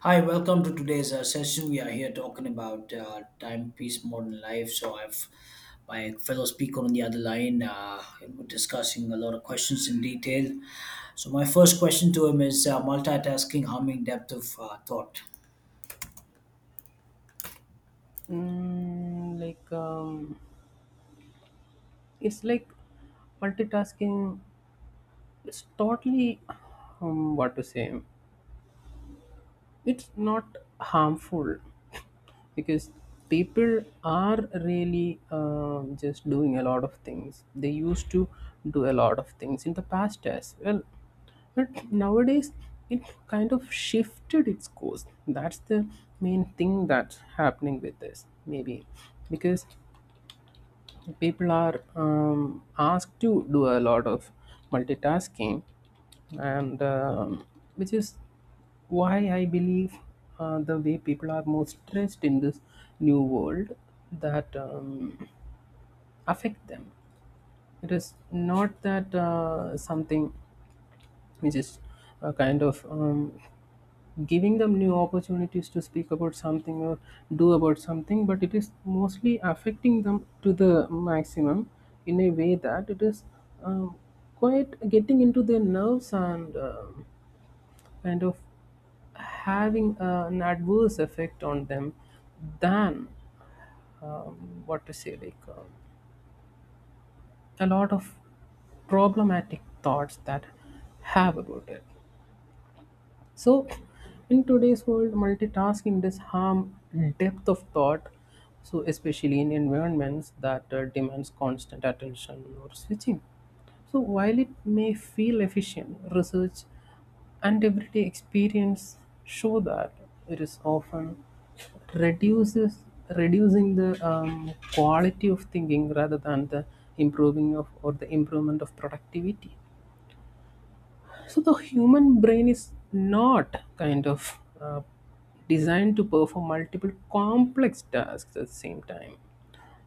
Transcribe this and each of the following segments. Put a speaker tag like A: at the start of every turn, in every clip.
A: Hi, welcome to today's session. We are here talking about timepiece modern life. So I've my fellow speaker on the other line. And we're discussing a lot of questions in detail. So my first question to him is multitasking harming depth of thought.
B: Mm. Like, it's like multitasking, it's totally, what to say, it's not harmful because people are really, just doing a lot of things. They used to do a lot of things in the past as well, but nowadays it kind of shifted its course. That's the main thing that's happening with this, maybe because people are, asked to do a lot of multitasking, and which is why I believe, the way people are more stressed in this new world that, affect them. It is not that, something which is a kind of, giving them new opportunities to speak about something or do about something, but it is mostly affecting them to the maximum in a way that it is, um, quite getting into their nerves, and kind of having an adverse effect on them than, what to say, like, a lot of problematic thoughts that have about it. So, in today's world, multitasking does harm depth of thought, so especially in environments that demands constant attention or switching. So, while it may feel efficient, research and everyday experience show that it is often reduces reducing the quality of thinking rather than the improving of, or the improvement of, productivity. So the human brain is not kind of designed to perform multiple complex tasks at the same time.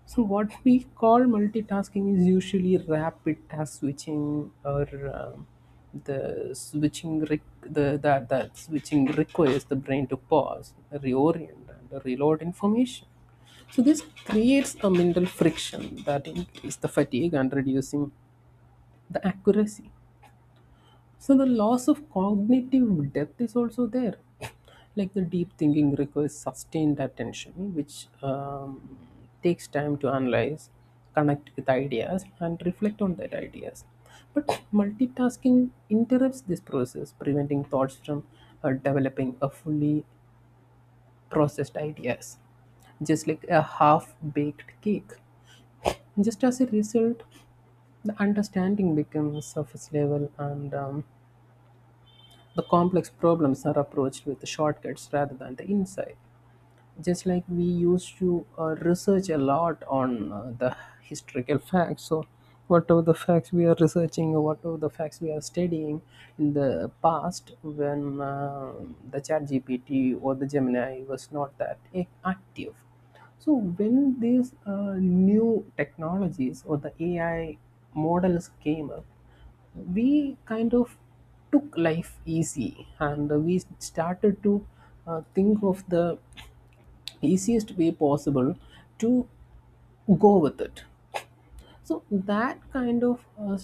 B: So what we call multitasking is usually rapid task switching, or um, the switching re- the that that switching requires the brain to pause, reorient, and reload information. So this creates a mental friction that increases the fatigue and reducing the accuracy. So the loss of cognitive depth is also there. Like, the deep thinking requires sustained attention, which, takes time to analyze, connect with ideas, and reflect on that ideas. But multitasking interrupts this process, preventing thoughts from developing a fully processed ideas, just like a half-baked cake. Just as a result, the understanding becomes surface level, and the complex problems are approached with shortcuts rather than the insight, just like we used to research a lot on the historical facts. So whatever the facts we are researching, or whatever the facts we are studying in the past, when the Chat GPT or the Gemini was not that active. So when these new technologies or the AI models came up, we kind of took life easy and we started to think of the easiest way possible to go with it. So that kind of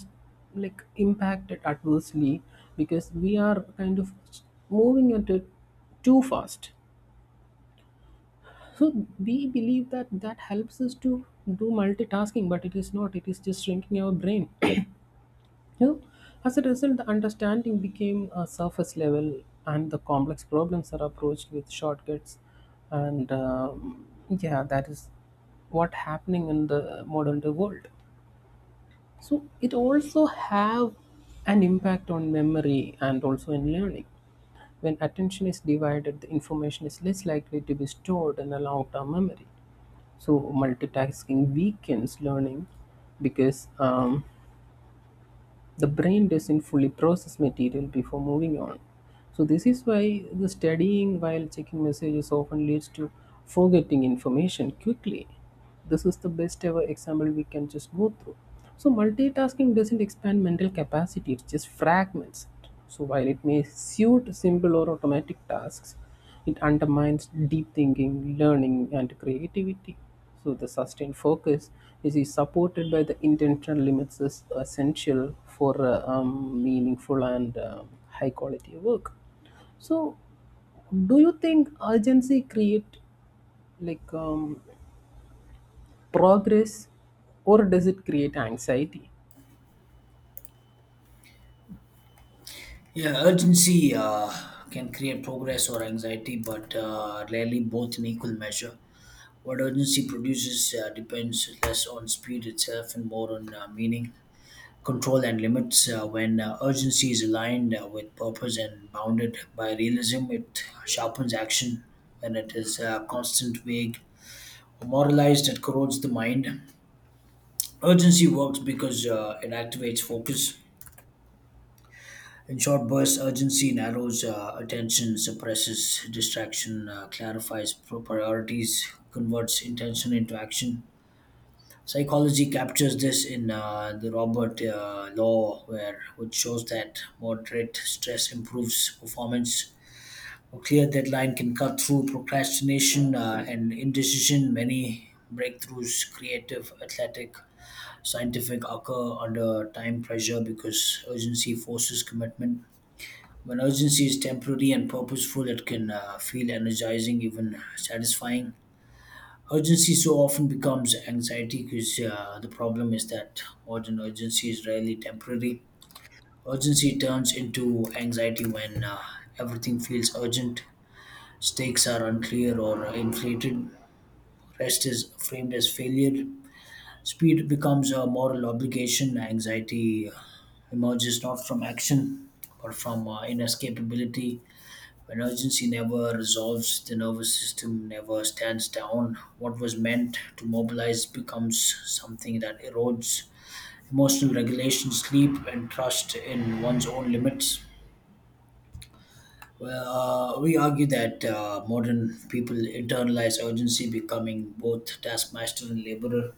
B: like impacted adversely, because we are kind of moving at it too fast. So we believe that that helps us to do multitasking, but it is not, it is just shrinking our brain. Yeah. As a result, the understanding became a surface level, and the complex problems are approached with shortcuts. And yeah, that is what happening in the modern day world. So it also have an impact on memory and also in learning. When attention is divided, the information is less likely to be stored in a long-term memory. So multitasking weakens learning because the brain doesn't fully process material before moving on. So this is why the studying while checking messages often leads to forgetting information quickly. This is the best ever example we can just go through. So multitasking doesn't expand mental capacity, it just fragments it. So while it may suit simple or automatic tasks, it undermines deep thinking, learning, and creativity. So, the sustained focus is supported by the intentional limits is essential for meaningful and high quality work. So, do you think urgency create, like, progress, or does it create anxiety?
A: Yeah, urgency can create progress or anxiety, but rarely both in equal measure. What urgency produces depends less on speed itself and more on meaning. Control and limits. When urgency is aligned with purpose and bounded by realism, it sharpens action. When it is constant, vague, or moralized, it corrodes the mind. Urgency works because it activates focus. In short bursts, urgency narrows attention, suppresses distraction, clarifies priorities, converts intention into action. Psychology captures this in the Robert Law, where which shows that moderate stress improves performance. A clear deadline can cut through procrastination and indecision. Many breakthroughs, creative, athletic, scientific, occur under time pressure because urgency forces commitment. When urgency is temporary and purposeful, it can feel energizing, even satisfying. Urgency so often becomes anxiety because the problem is that modern urgency is rarely temporary. Urgency turns into anxiety when everything feels urgent, stakes are unclear or inflated, rest is framed as failure, speed becomes a moral obligation, anxiety emerges not from action but from inescapability. When urgency never resolves, the nervous system never stands down. What was meant to mobilize becomes something that erodes emotional regulation, sleep, and trust in one's own limits. Well, we argue that modern people internalize urgency, becoming both taskmaster and laborer.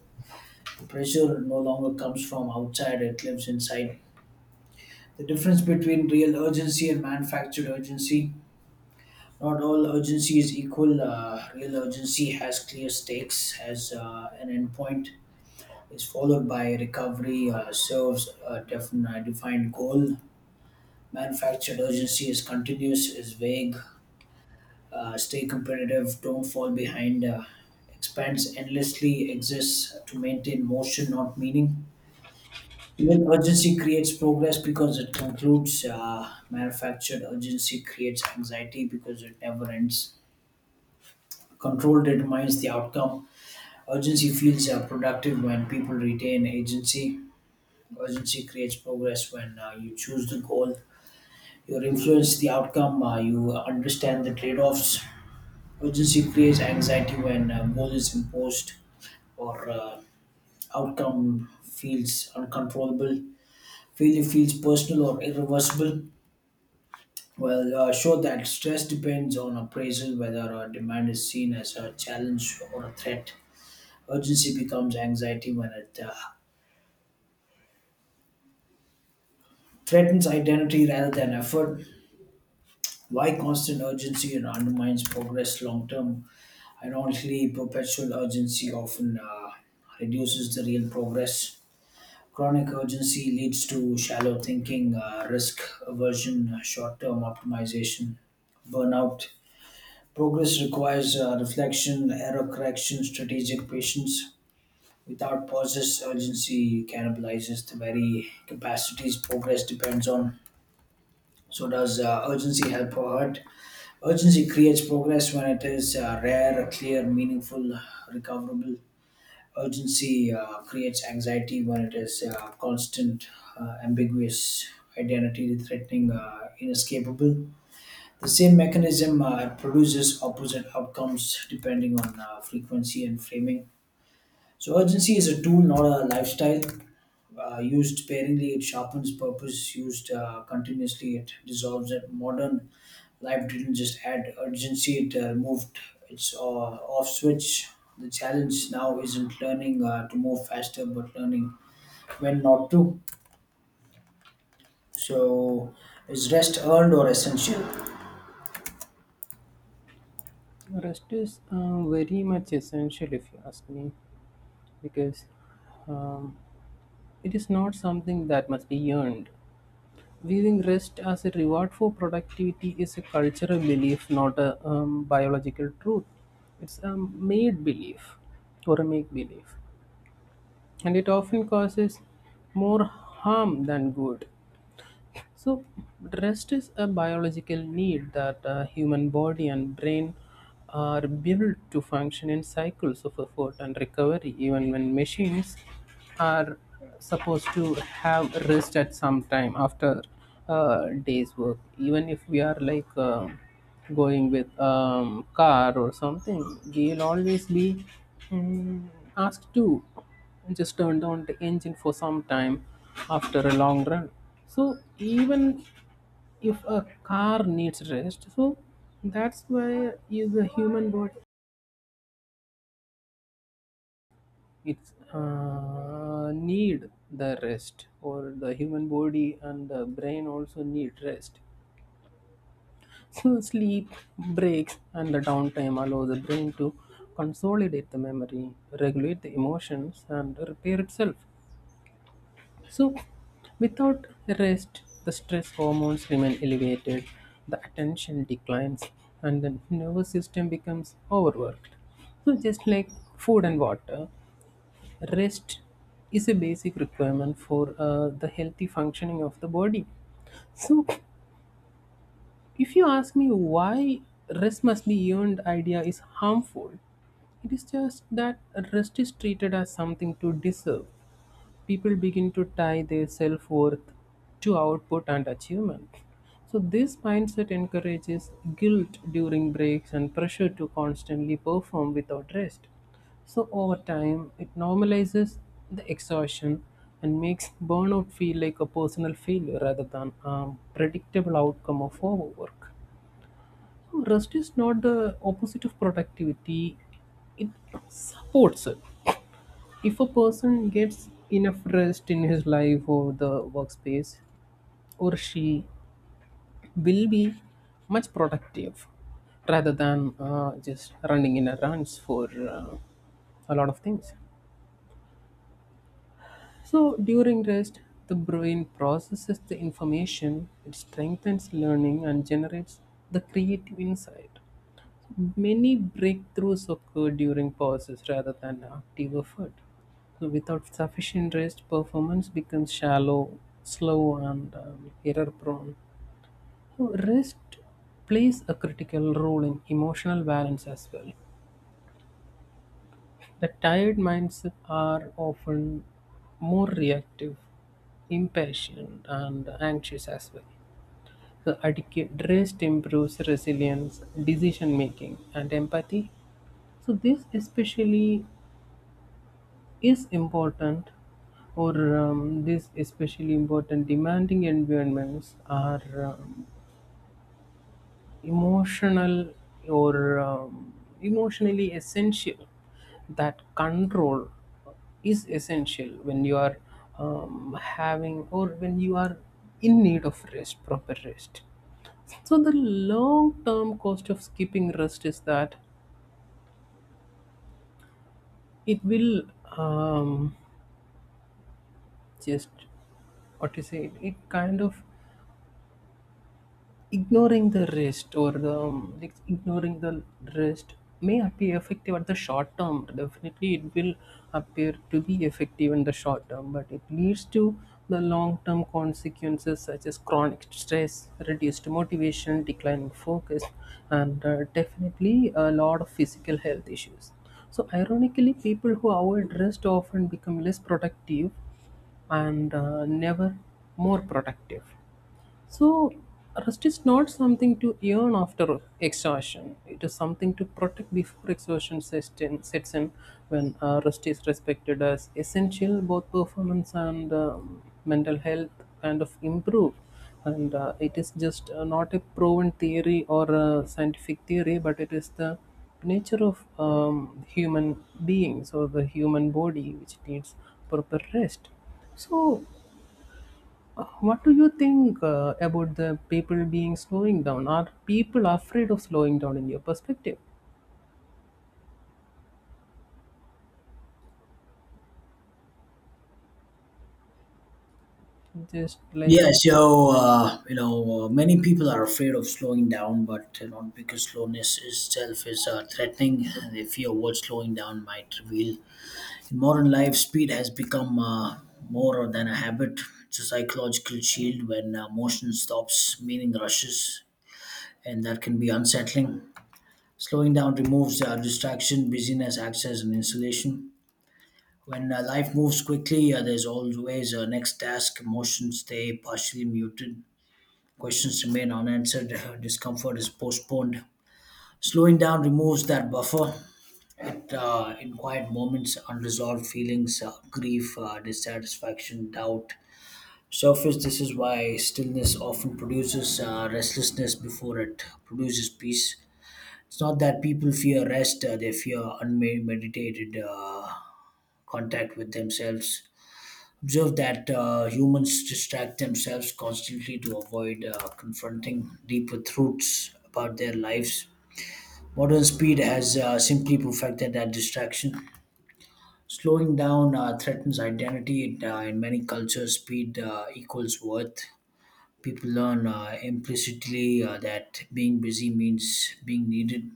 A: The pressure no longer comes from outside, it lives inside. The difference between real urgency and manufactured urgency: not all urgency is equal. Real urgency has clear stakes, has an endpoint, is followed by recovery, serves a defined goal. Manufactured urgency is continuous, is vague, stay competitive, don't fall behind, expands endlessly, exists to maintain motion, not meaning. Real urgency creates progress because it concludes. Manufactured urgency creates anxiety because it never ends. Control determines the outcome. Urgency feels productive when people retain agency. Urgency creates progress when you choose the goal. You influence the outcome, you understand the trade offs. Urgency creates anxiety when a goal is imposed or outcome feels uncontrollable. Failure feels personal or irreversible. Well, show that stress depends on appraisal, whether a demand is seen as a challenge or a threat. Urgency becomes anxiety when it threatens identity rather than effort. Why constant urgency and undermines progress long term? Ironically, perpetual urgency often reduces the real progress. Chronic urgency leads to shallow thinking, risk aversion, short term optimization, burnout. Progress requires reflection, error correction, strategic patience. Without pauses, urgency cannibalizes the very capacities progress depends on. So, does urgency help or hurt? Urgency creates progress when it is rare, clear, meaningful, recoverable. Urgency creates anxiety when it is constant, ambiguous, identity threatening, inescapable. The same mechanism produces opposite outcomes depending on frequency and framing. So, urgency is a tool, not a lifestyle. Used sparingly, it sharpens purpose. Used continuously, it dissolves it. Modern life didn't just add urgency, it removed its off switch. The challenge now isn't learning to move faster, but learning when not to. So, is rest earned or essential?
B: Rest is very much essential, if you ask me, because um, it is not something that must be earned. Viewing rest as a reward for productivity is a cultural belief, not a biological truth. It's a made belief, or a make belief, and it often causes more harm than good. So, rest is a biological need that human body and brain are built to function in cycles of effort and recovery, even when machines are supposed to have rest at some time after a day's work. Even if we are like, going with, car or something, we will always be, mm, asked to and just turned on the engine for some time after a long run. So even if a car needs rest, so that's why is the human body, it's need the rest, or the human body and the brain also need rest. So sleep, breaks, and the downtime allow the brain to consolidate the memory, regulate the emotions, and repair itself. So, without rest, the stress hormones remain elevated, the attention declines, and the nervous system becomes overworked. So, just like food and water, rest is a basic requirement for the healthy functioning of the body. So, if you ask me why rest must be earned idea is harmful, it is just that rest is treated as something to deserve. People begin to tie their self worth to output and achievement. So, this mindset encourages guilt during breaks and pressure to constantly perform without rest. So, over time, it normalizes the exhaustion and makes burnout feel like a personal failure rather than a predictable outcome of overwork. So, rest is not the opposite of productivity, it supports it. If a person gets enough rest in his life or the workspace, or she will be much productive rather than just running in a runs for a lot of things. So, during rest, the brain processes the information, it strengthens learning, and generates the creative insight. Many breakthroughs occur during pauses rather than active effort. So without sufficient rest, performance becomes shallow, slow, and error prone. So rest plays a critical role in emotional balance as well. The tired minds are often more reactive, impatient, and anxious as well. The adequate rest improves resilience, decision making, and empathy. So this especially is important, or this especially important demanding environments are emotional, or emotionally essential. That control is essential when you are having, or when you are in need of rest, proper rest. So the long-term cost of skipping rest is that it will, um, just, what to say, it kind of, ignoring the rest, or the like, ignoring the rest may appear effective at the short term. Definitely, it will appear to be effective in the short term, but it leads to the long term consequences such as chronic stress, reduced motivation, declining focus, and definitely a lot of physical health issues. So, ironically, people who avoid rest often become less productive, and never more productive. So, rest is not something to earn after exhaustion. It is something to protect before exhaustion sets in. Sets in. When rest is respected as essential, both performance and mental health kind of improve. And it is just not a proven theory or a scientific theory, but it is the nature of human beings, or the human body, which needs proper rest. So what do you think about the people being slowing down? Are people afraid of slowing down in your perspective? Just like,
A: Yeah, so you know, many people are afraid of slowing down, but because slowness itself is threatening, they fear what slowing down might reveal. In modern life, speed has become more than a habit. It's a psychological shield. When motion stops, meaning rushes, and that can be unsettling. Slowing down removes distraction, busyness, access, and insulation. When life moves quickly, there's always a next task. Emotions stay partially muted. Questions remain unanswered. Discomfort is postponed. Slowing down removes that buffer. That in quiet moments, unresolved feelings, grief, dissatisfaction, doubt surface. This is why stillness often produces restlessness before it produces peace. It's not that people fear rest, they fear unmeditated contact with themselves. Observe that humans distract themselves constantly to avoid confronting deeper truths about their lives. Modern speed has simply perfected that distraction. Slowing down threatens identity. It, in many cultures, speed equals worth. People learn implicitly that being busy means being needed.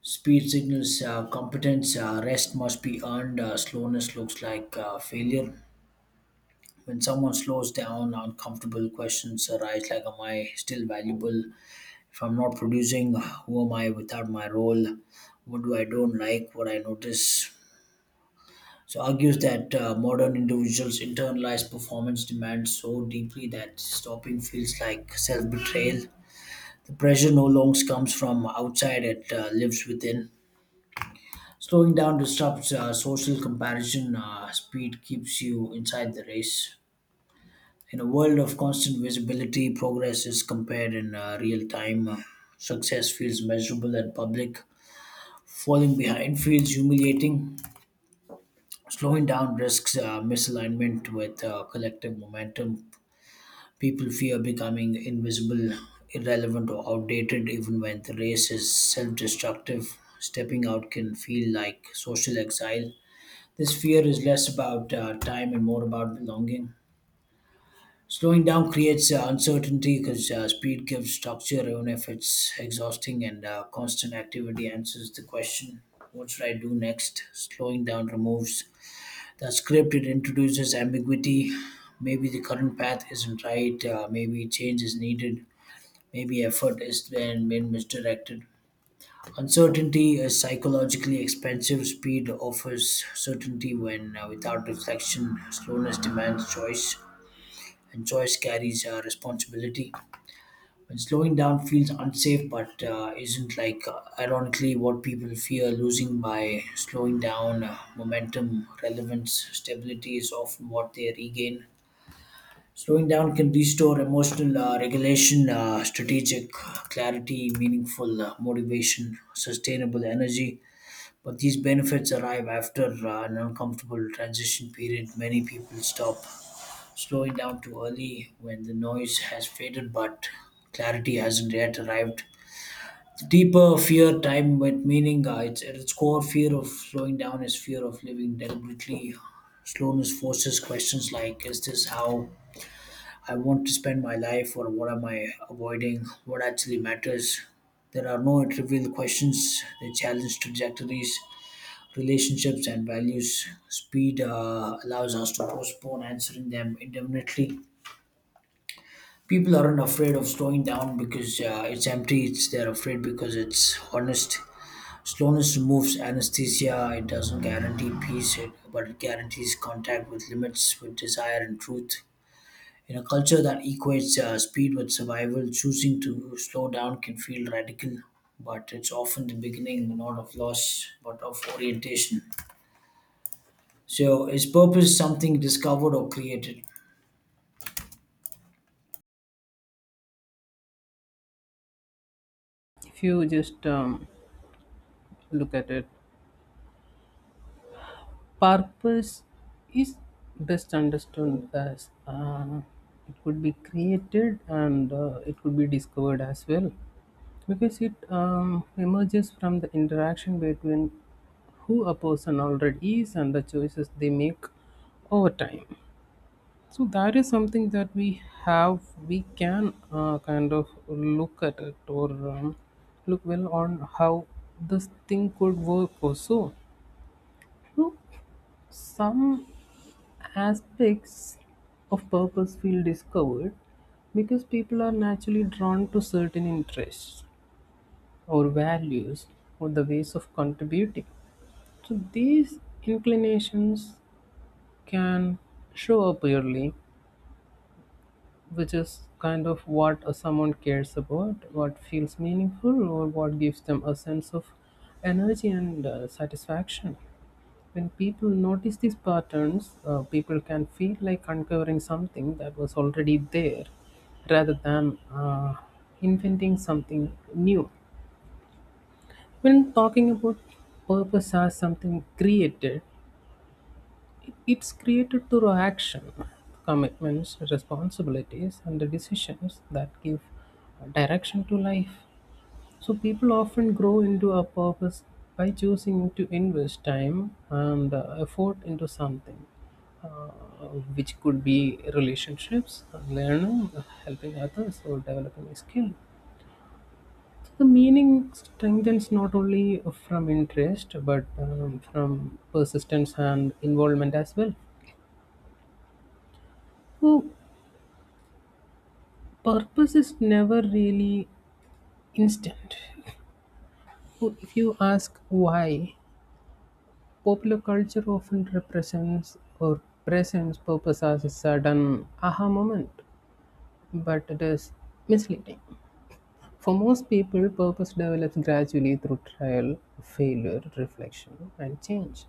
A: Speed signals competence. Rest must be earned. Slowness looks like failure. When someone slows down, uncomfortable questions arise like, am I still valuable? If I'm not producing, who am I without my role? What do I don't like? What I notice? So argues that modern individuals internalize performance demands so deeply that stopping feels like self-betrayal. The pressure no longer comes from outside; it lives within. Slowing down disrupts social comparison. Speed keeps you inside the race. In a world of constant visibility, progress is compared in real time. Success feels measurable and public. Falling behind feels humiliating. Slowing down risks misalignment with collective momentum. People fear becoming invisible, irrelevant, or outdated even when the race is self destructive. Stepping out can feel like social exile. This fear is less about time and more about belonging. Slowing down creates uncertainty because speed gives structure, even if it's exhausting, and constant activity answers the question: what should I do next? Slowing down removes the script, it introduces ambiguity. Maybe the current path isn't right, maybe change is needed. Maybe effort is then been misdirected. Uncertainty is psychologically expensive. Speed offers certainty when, without reflection, slowness demands choice, and choice carries responsibility. When slowing down feels unsafe, but isn't like ironically what people fear losing by slowing down, momentum, relevance, stability is often what they regain. Slowing down can restore emotional regulation, strategic clarity, meaningful motivation, sustainable energy. But these benefits arrive after an uncomfortable transition period. Many people stop slowing down too early when the noise has faded, but clarity hasn't yet arrived. The deeper fear, time with meaning, it's, at its core, fear of slowing down is fear of living deliberately. Slowness forces questions like, is this how I want to spend my life, or what am I avoiding, what actually matters. There are no trivial questions, they challenge trajectories, relationships, and values. Speed allows us to postpone answering them indefinitely. People aren't afraid of slowing down because it's empty, it's, they're afraid because it's honest. Slowness removes anesthesia, it doesn't guarantee peace, but it guarantees contact with limits, with desire and truth. In a culture that equates speed with survival, choosing to slow down can feel radical, but it's often the beginning not of loss but of orientation. So, is purpose something discovered or created?
B: if you just look at it, purpose is best understood as, it could be created, and it could be discovered as well, because it emerges from the interaction between who a person already is and the choices they make over time. So that is something that we have. We can kind of look at it, or look well on how this thing could work. Also, Hmm. some aspects of purpose feel discovered, because people are naturally drawn to certain interests, or values, or the ways of contributing. So these inclinations can show up early, which is kind of what someone cares about, what feels meaningful, or what gives them a sense of energy and satisfaction. When people notice these patterns, people can feel like uncovering something that was already there, rather than inventing something new. When talking about purpose as something created, it's created through action, commitments, responsibilities, and the decisions that give direction to life. So people often grow into a purpose by choosing to invest time and effort into something, uh, which could be relationships, learning, helping others, or developing a skill. So the meaning strengthens not only from interest, but from persistence and involvement as well. So purpose is never really instant. If you ask why, popular culture often represents, or presents, purpose as a sudden aha moment, but it is misleading. For most people, purpose develops gradually through trial, failure, reflection, and change.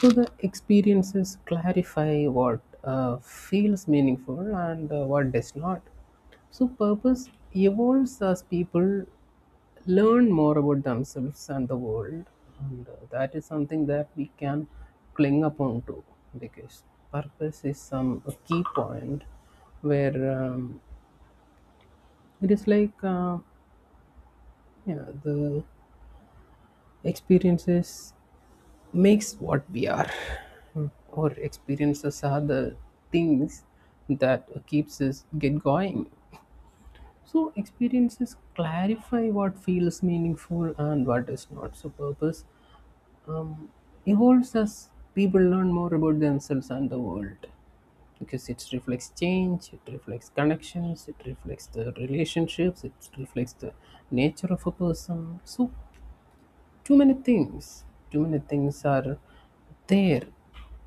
B: So the experiences clarify what feels meaningful and what does not. So purpose evolves as people learn more about themselves and the world, and that is something that we can cling upon to, because purpose is some a key point where, it is like, you know, the experiences makes what we are. Our experiences are the things that keeps us get going. So experiences clarify what feels meaningful and what is not. So purpose um, evolves as people learn more about themselves and the world, because it reflects change, it reflects connections, it reflects the relationships, it reflects the nature of a person. So too many things too many things are there,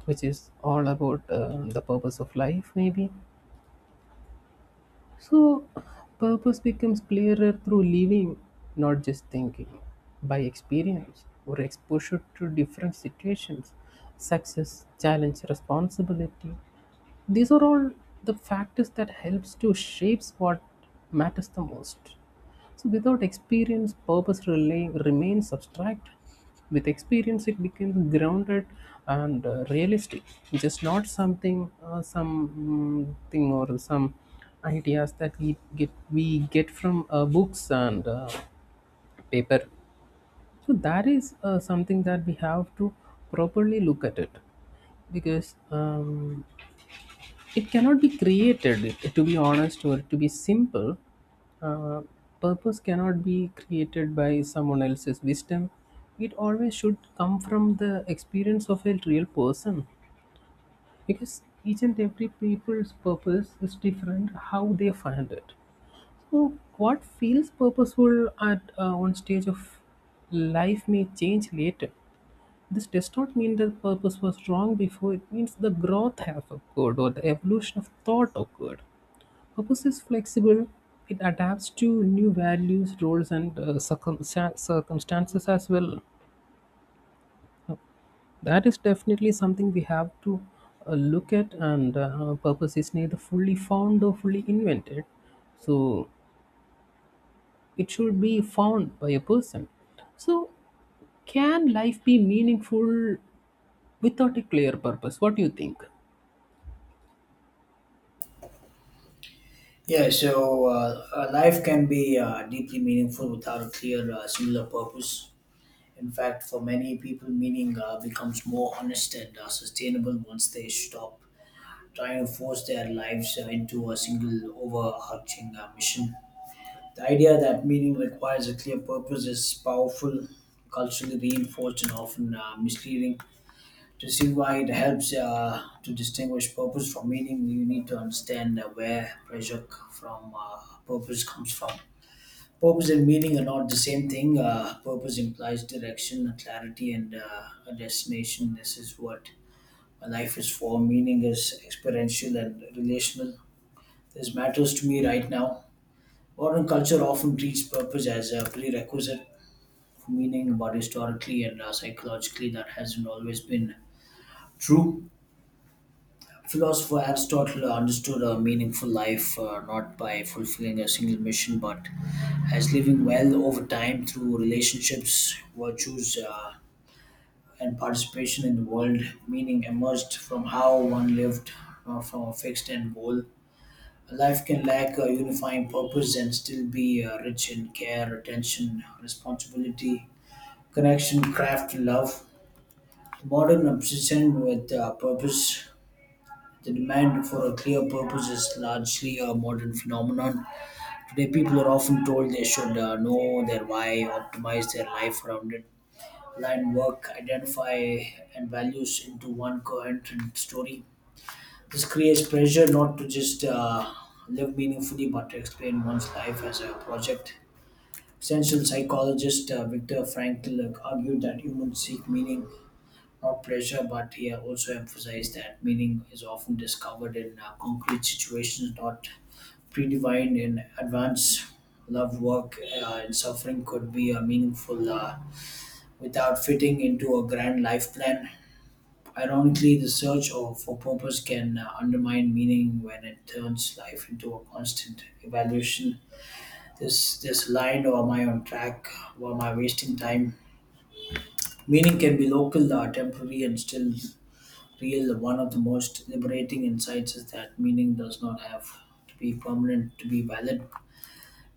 B: which is all about the purpose of life, maybe. So purpose becomes clearer through living, not just thinking, by experience or exposure to different situations. Success, challenge, responsibility, these are all the factors that helps to shapes what matters the most. So without experience, purpose remains abstract. With experience it becomes grounded and realistic, just not something, some, thing, or some ideas that we get from books and paper. So that is something that we have to properly look at, it because it cannot be created, to be honest, or to be simple. Uh, Purpose cannot be created by someone else's wisdom. It always should come from the experience of a real person, because each and every people's purpose is different how they find it. So, what feels purposeful at one stage of life may change later. This does not mean the purpose was wrong before, it means the growth have occurred, or the evolution of thought occurred. Purpose is flexible, it adapts to new values, roles, and circumstances as well. That is definitely something we have to look at, and purpose is neither fully found or fully invented. So it should be found by a person. So, can life be meaningful without a clear purpose? What do you think?
A: Yeah, so life can be deeply meaningful without a clear, similar purpose. In fact, for many people, meaning becomes more honest and sustainable once they stop trying to force their lives into a single overarching mission. The idea that meaning requires a clear purpose is powerful, culturally reinforced, and often misleading. To see why it helps to distinguish purpose from meaning, you need to understand where pressure from purpose comes from. Purpose and meaning are not the same thing. Purpose implies direction, clarity, and a destination. This is what my life is for. Meaning is experiential and relational. This matters to me right now. Modern culture often treats purpose as a prerequisite meaning, but historically and psychologically, that hasn't always been true. Philosopher Aristotle understood a meaningful life not by fulfilling a single mission, but as living well over time through relationships, virtues, and participation in the world. Meaning emerged from how one lived, not from a fixed end goal. A life can lack a unifying purpose and still be rich in care, attention, responsibility, connection, craft, love. Modern obsession with purpose. The demand for a clear purpose is largely a modern phenomenon. Today, people are often told they should know their why, optimize their life around it, line work, identify, and values into one coherent story. This creates pressure not to just live meaningfully, but to explain one's life as a project. Essential psychologist Viktor Frankl argued that humans seek meaning, not pressure, but he also emphasized that meaning is often discovered in concrete situations, not predefined in advance. Love, work, and suffering could be meaningful without fitting into a grand life plan. Ironically, the for purpose can undermine meaning when it turns life into a constant evaluation. This line, or am I on track? Or am I wasting time? Meaning can be local, temporary, and still real. One of the most liberating insights is that meaning does not have to be permanent to be valid.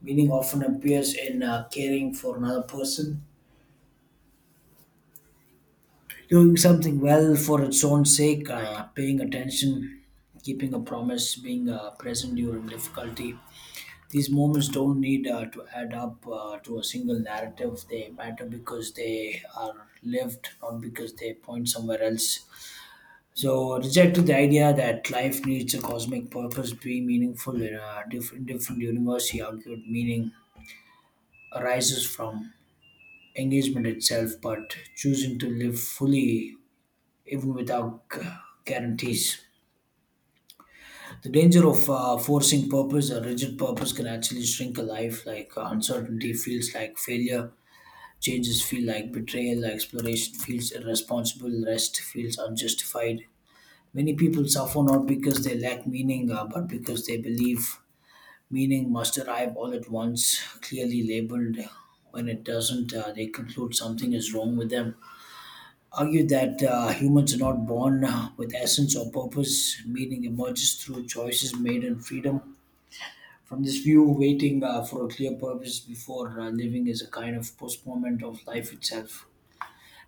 A: Meaning often appears in caring for another person, doing something well for its own sake, paying attention, keeping a promise, being present during difficulty. These moments don't need to add up to a single narrative. They matter because they are lived, not because they point somewhere else. So reject the idea that life needs a cosmic purpose, being meaningful in a different universe. He argued meaning arises from engagement itself, but choosing to live fully even without guarantees. The danger of forcing purpose, a rigid purpose, can actually shrink a life. Like uncertainty feels like failure, changes feel like betrayal, exploration feels irresponsible, rest feels unjustified. Many people suffer not because they lack meaning, but because they believe meaning must arrive all at once, clearly labeled. When it doesn't, they conclude something is wrong with them. Argue that humans are not born with essence or purpose. Meaning emerges through choices made in freedom. From this view, waiting for a clear purpose before living is a kind of postponement of life itself.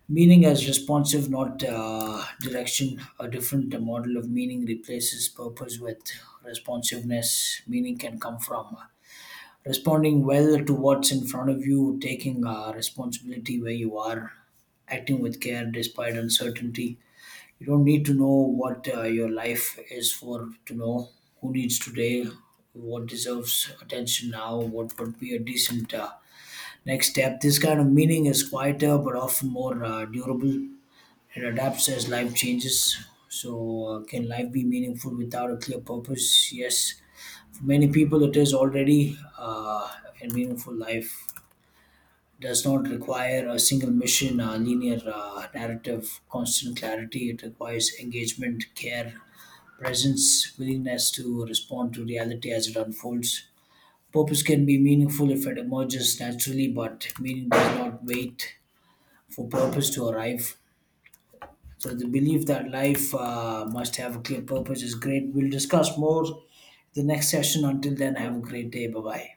A: Meaning as responsive, not direction. A different model of meaning replaces purpose with responsiveness. Meaning can come from responding well to what's in front of you, taking responsibility where you are, acting with care despite uncertainty. You don't need to know what your life is for to know who needs today, what deserves attention now, what would be a decent next step. This kind of meaning is quieter but often more durable. It adapts as life changes. So, can life be meaningful without a clear purpose? Yes. For many people, it is already a meaningful life. Does not require a single mission, a linear narrative, constant clarity. It requires engagement, care, presence, willingness to respond to reality as it unfolds. Purpose can be meaningful if it emerges naturally, but meaning does not wait for purpose to arrive. So the belief that life must have a clear purpose is great. We'll discuss more the next session. Until then, have a great day. Bye bye.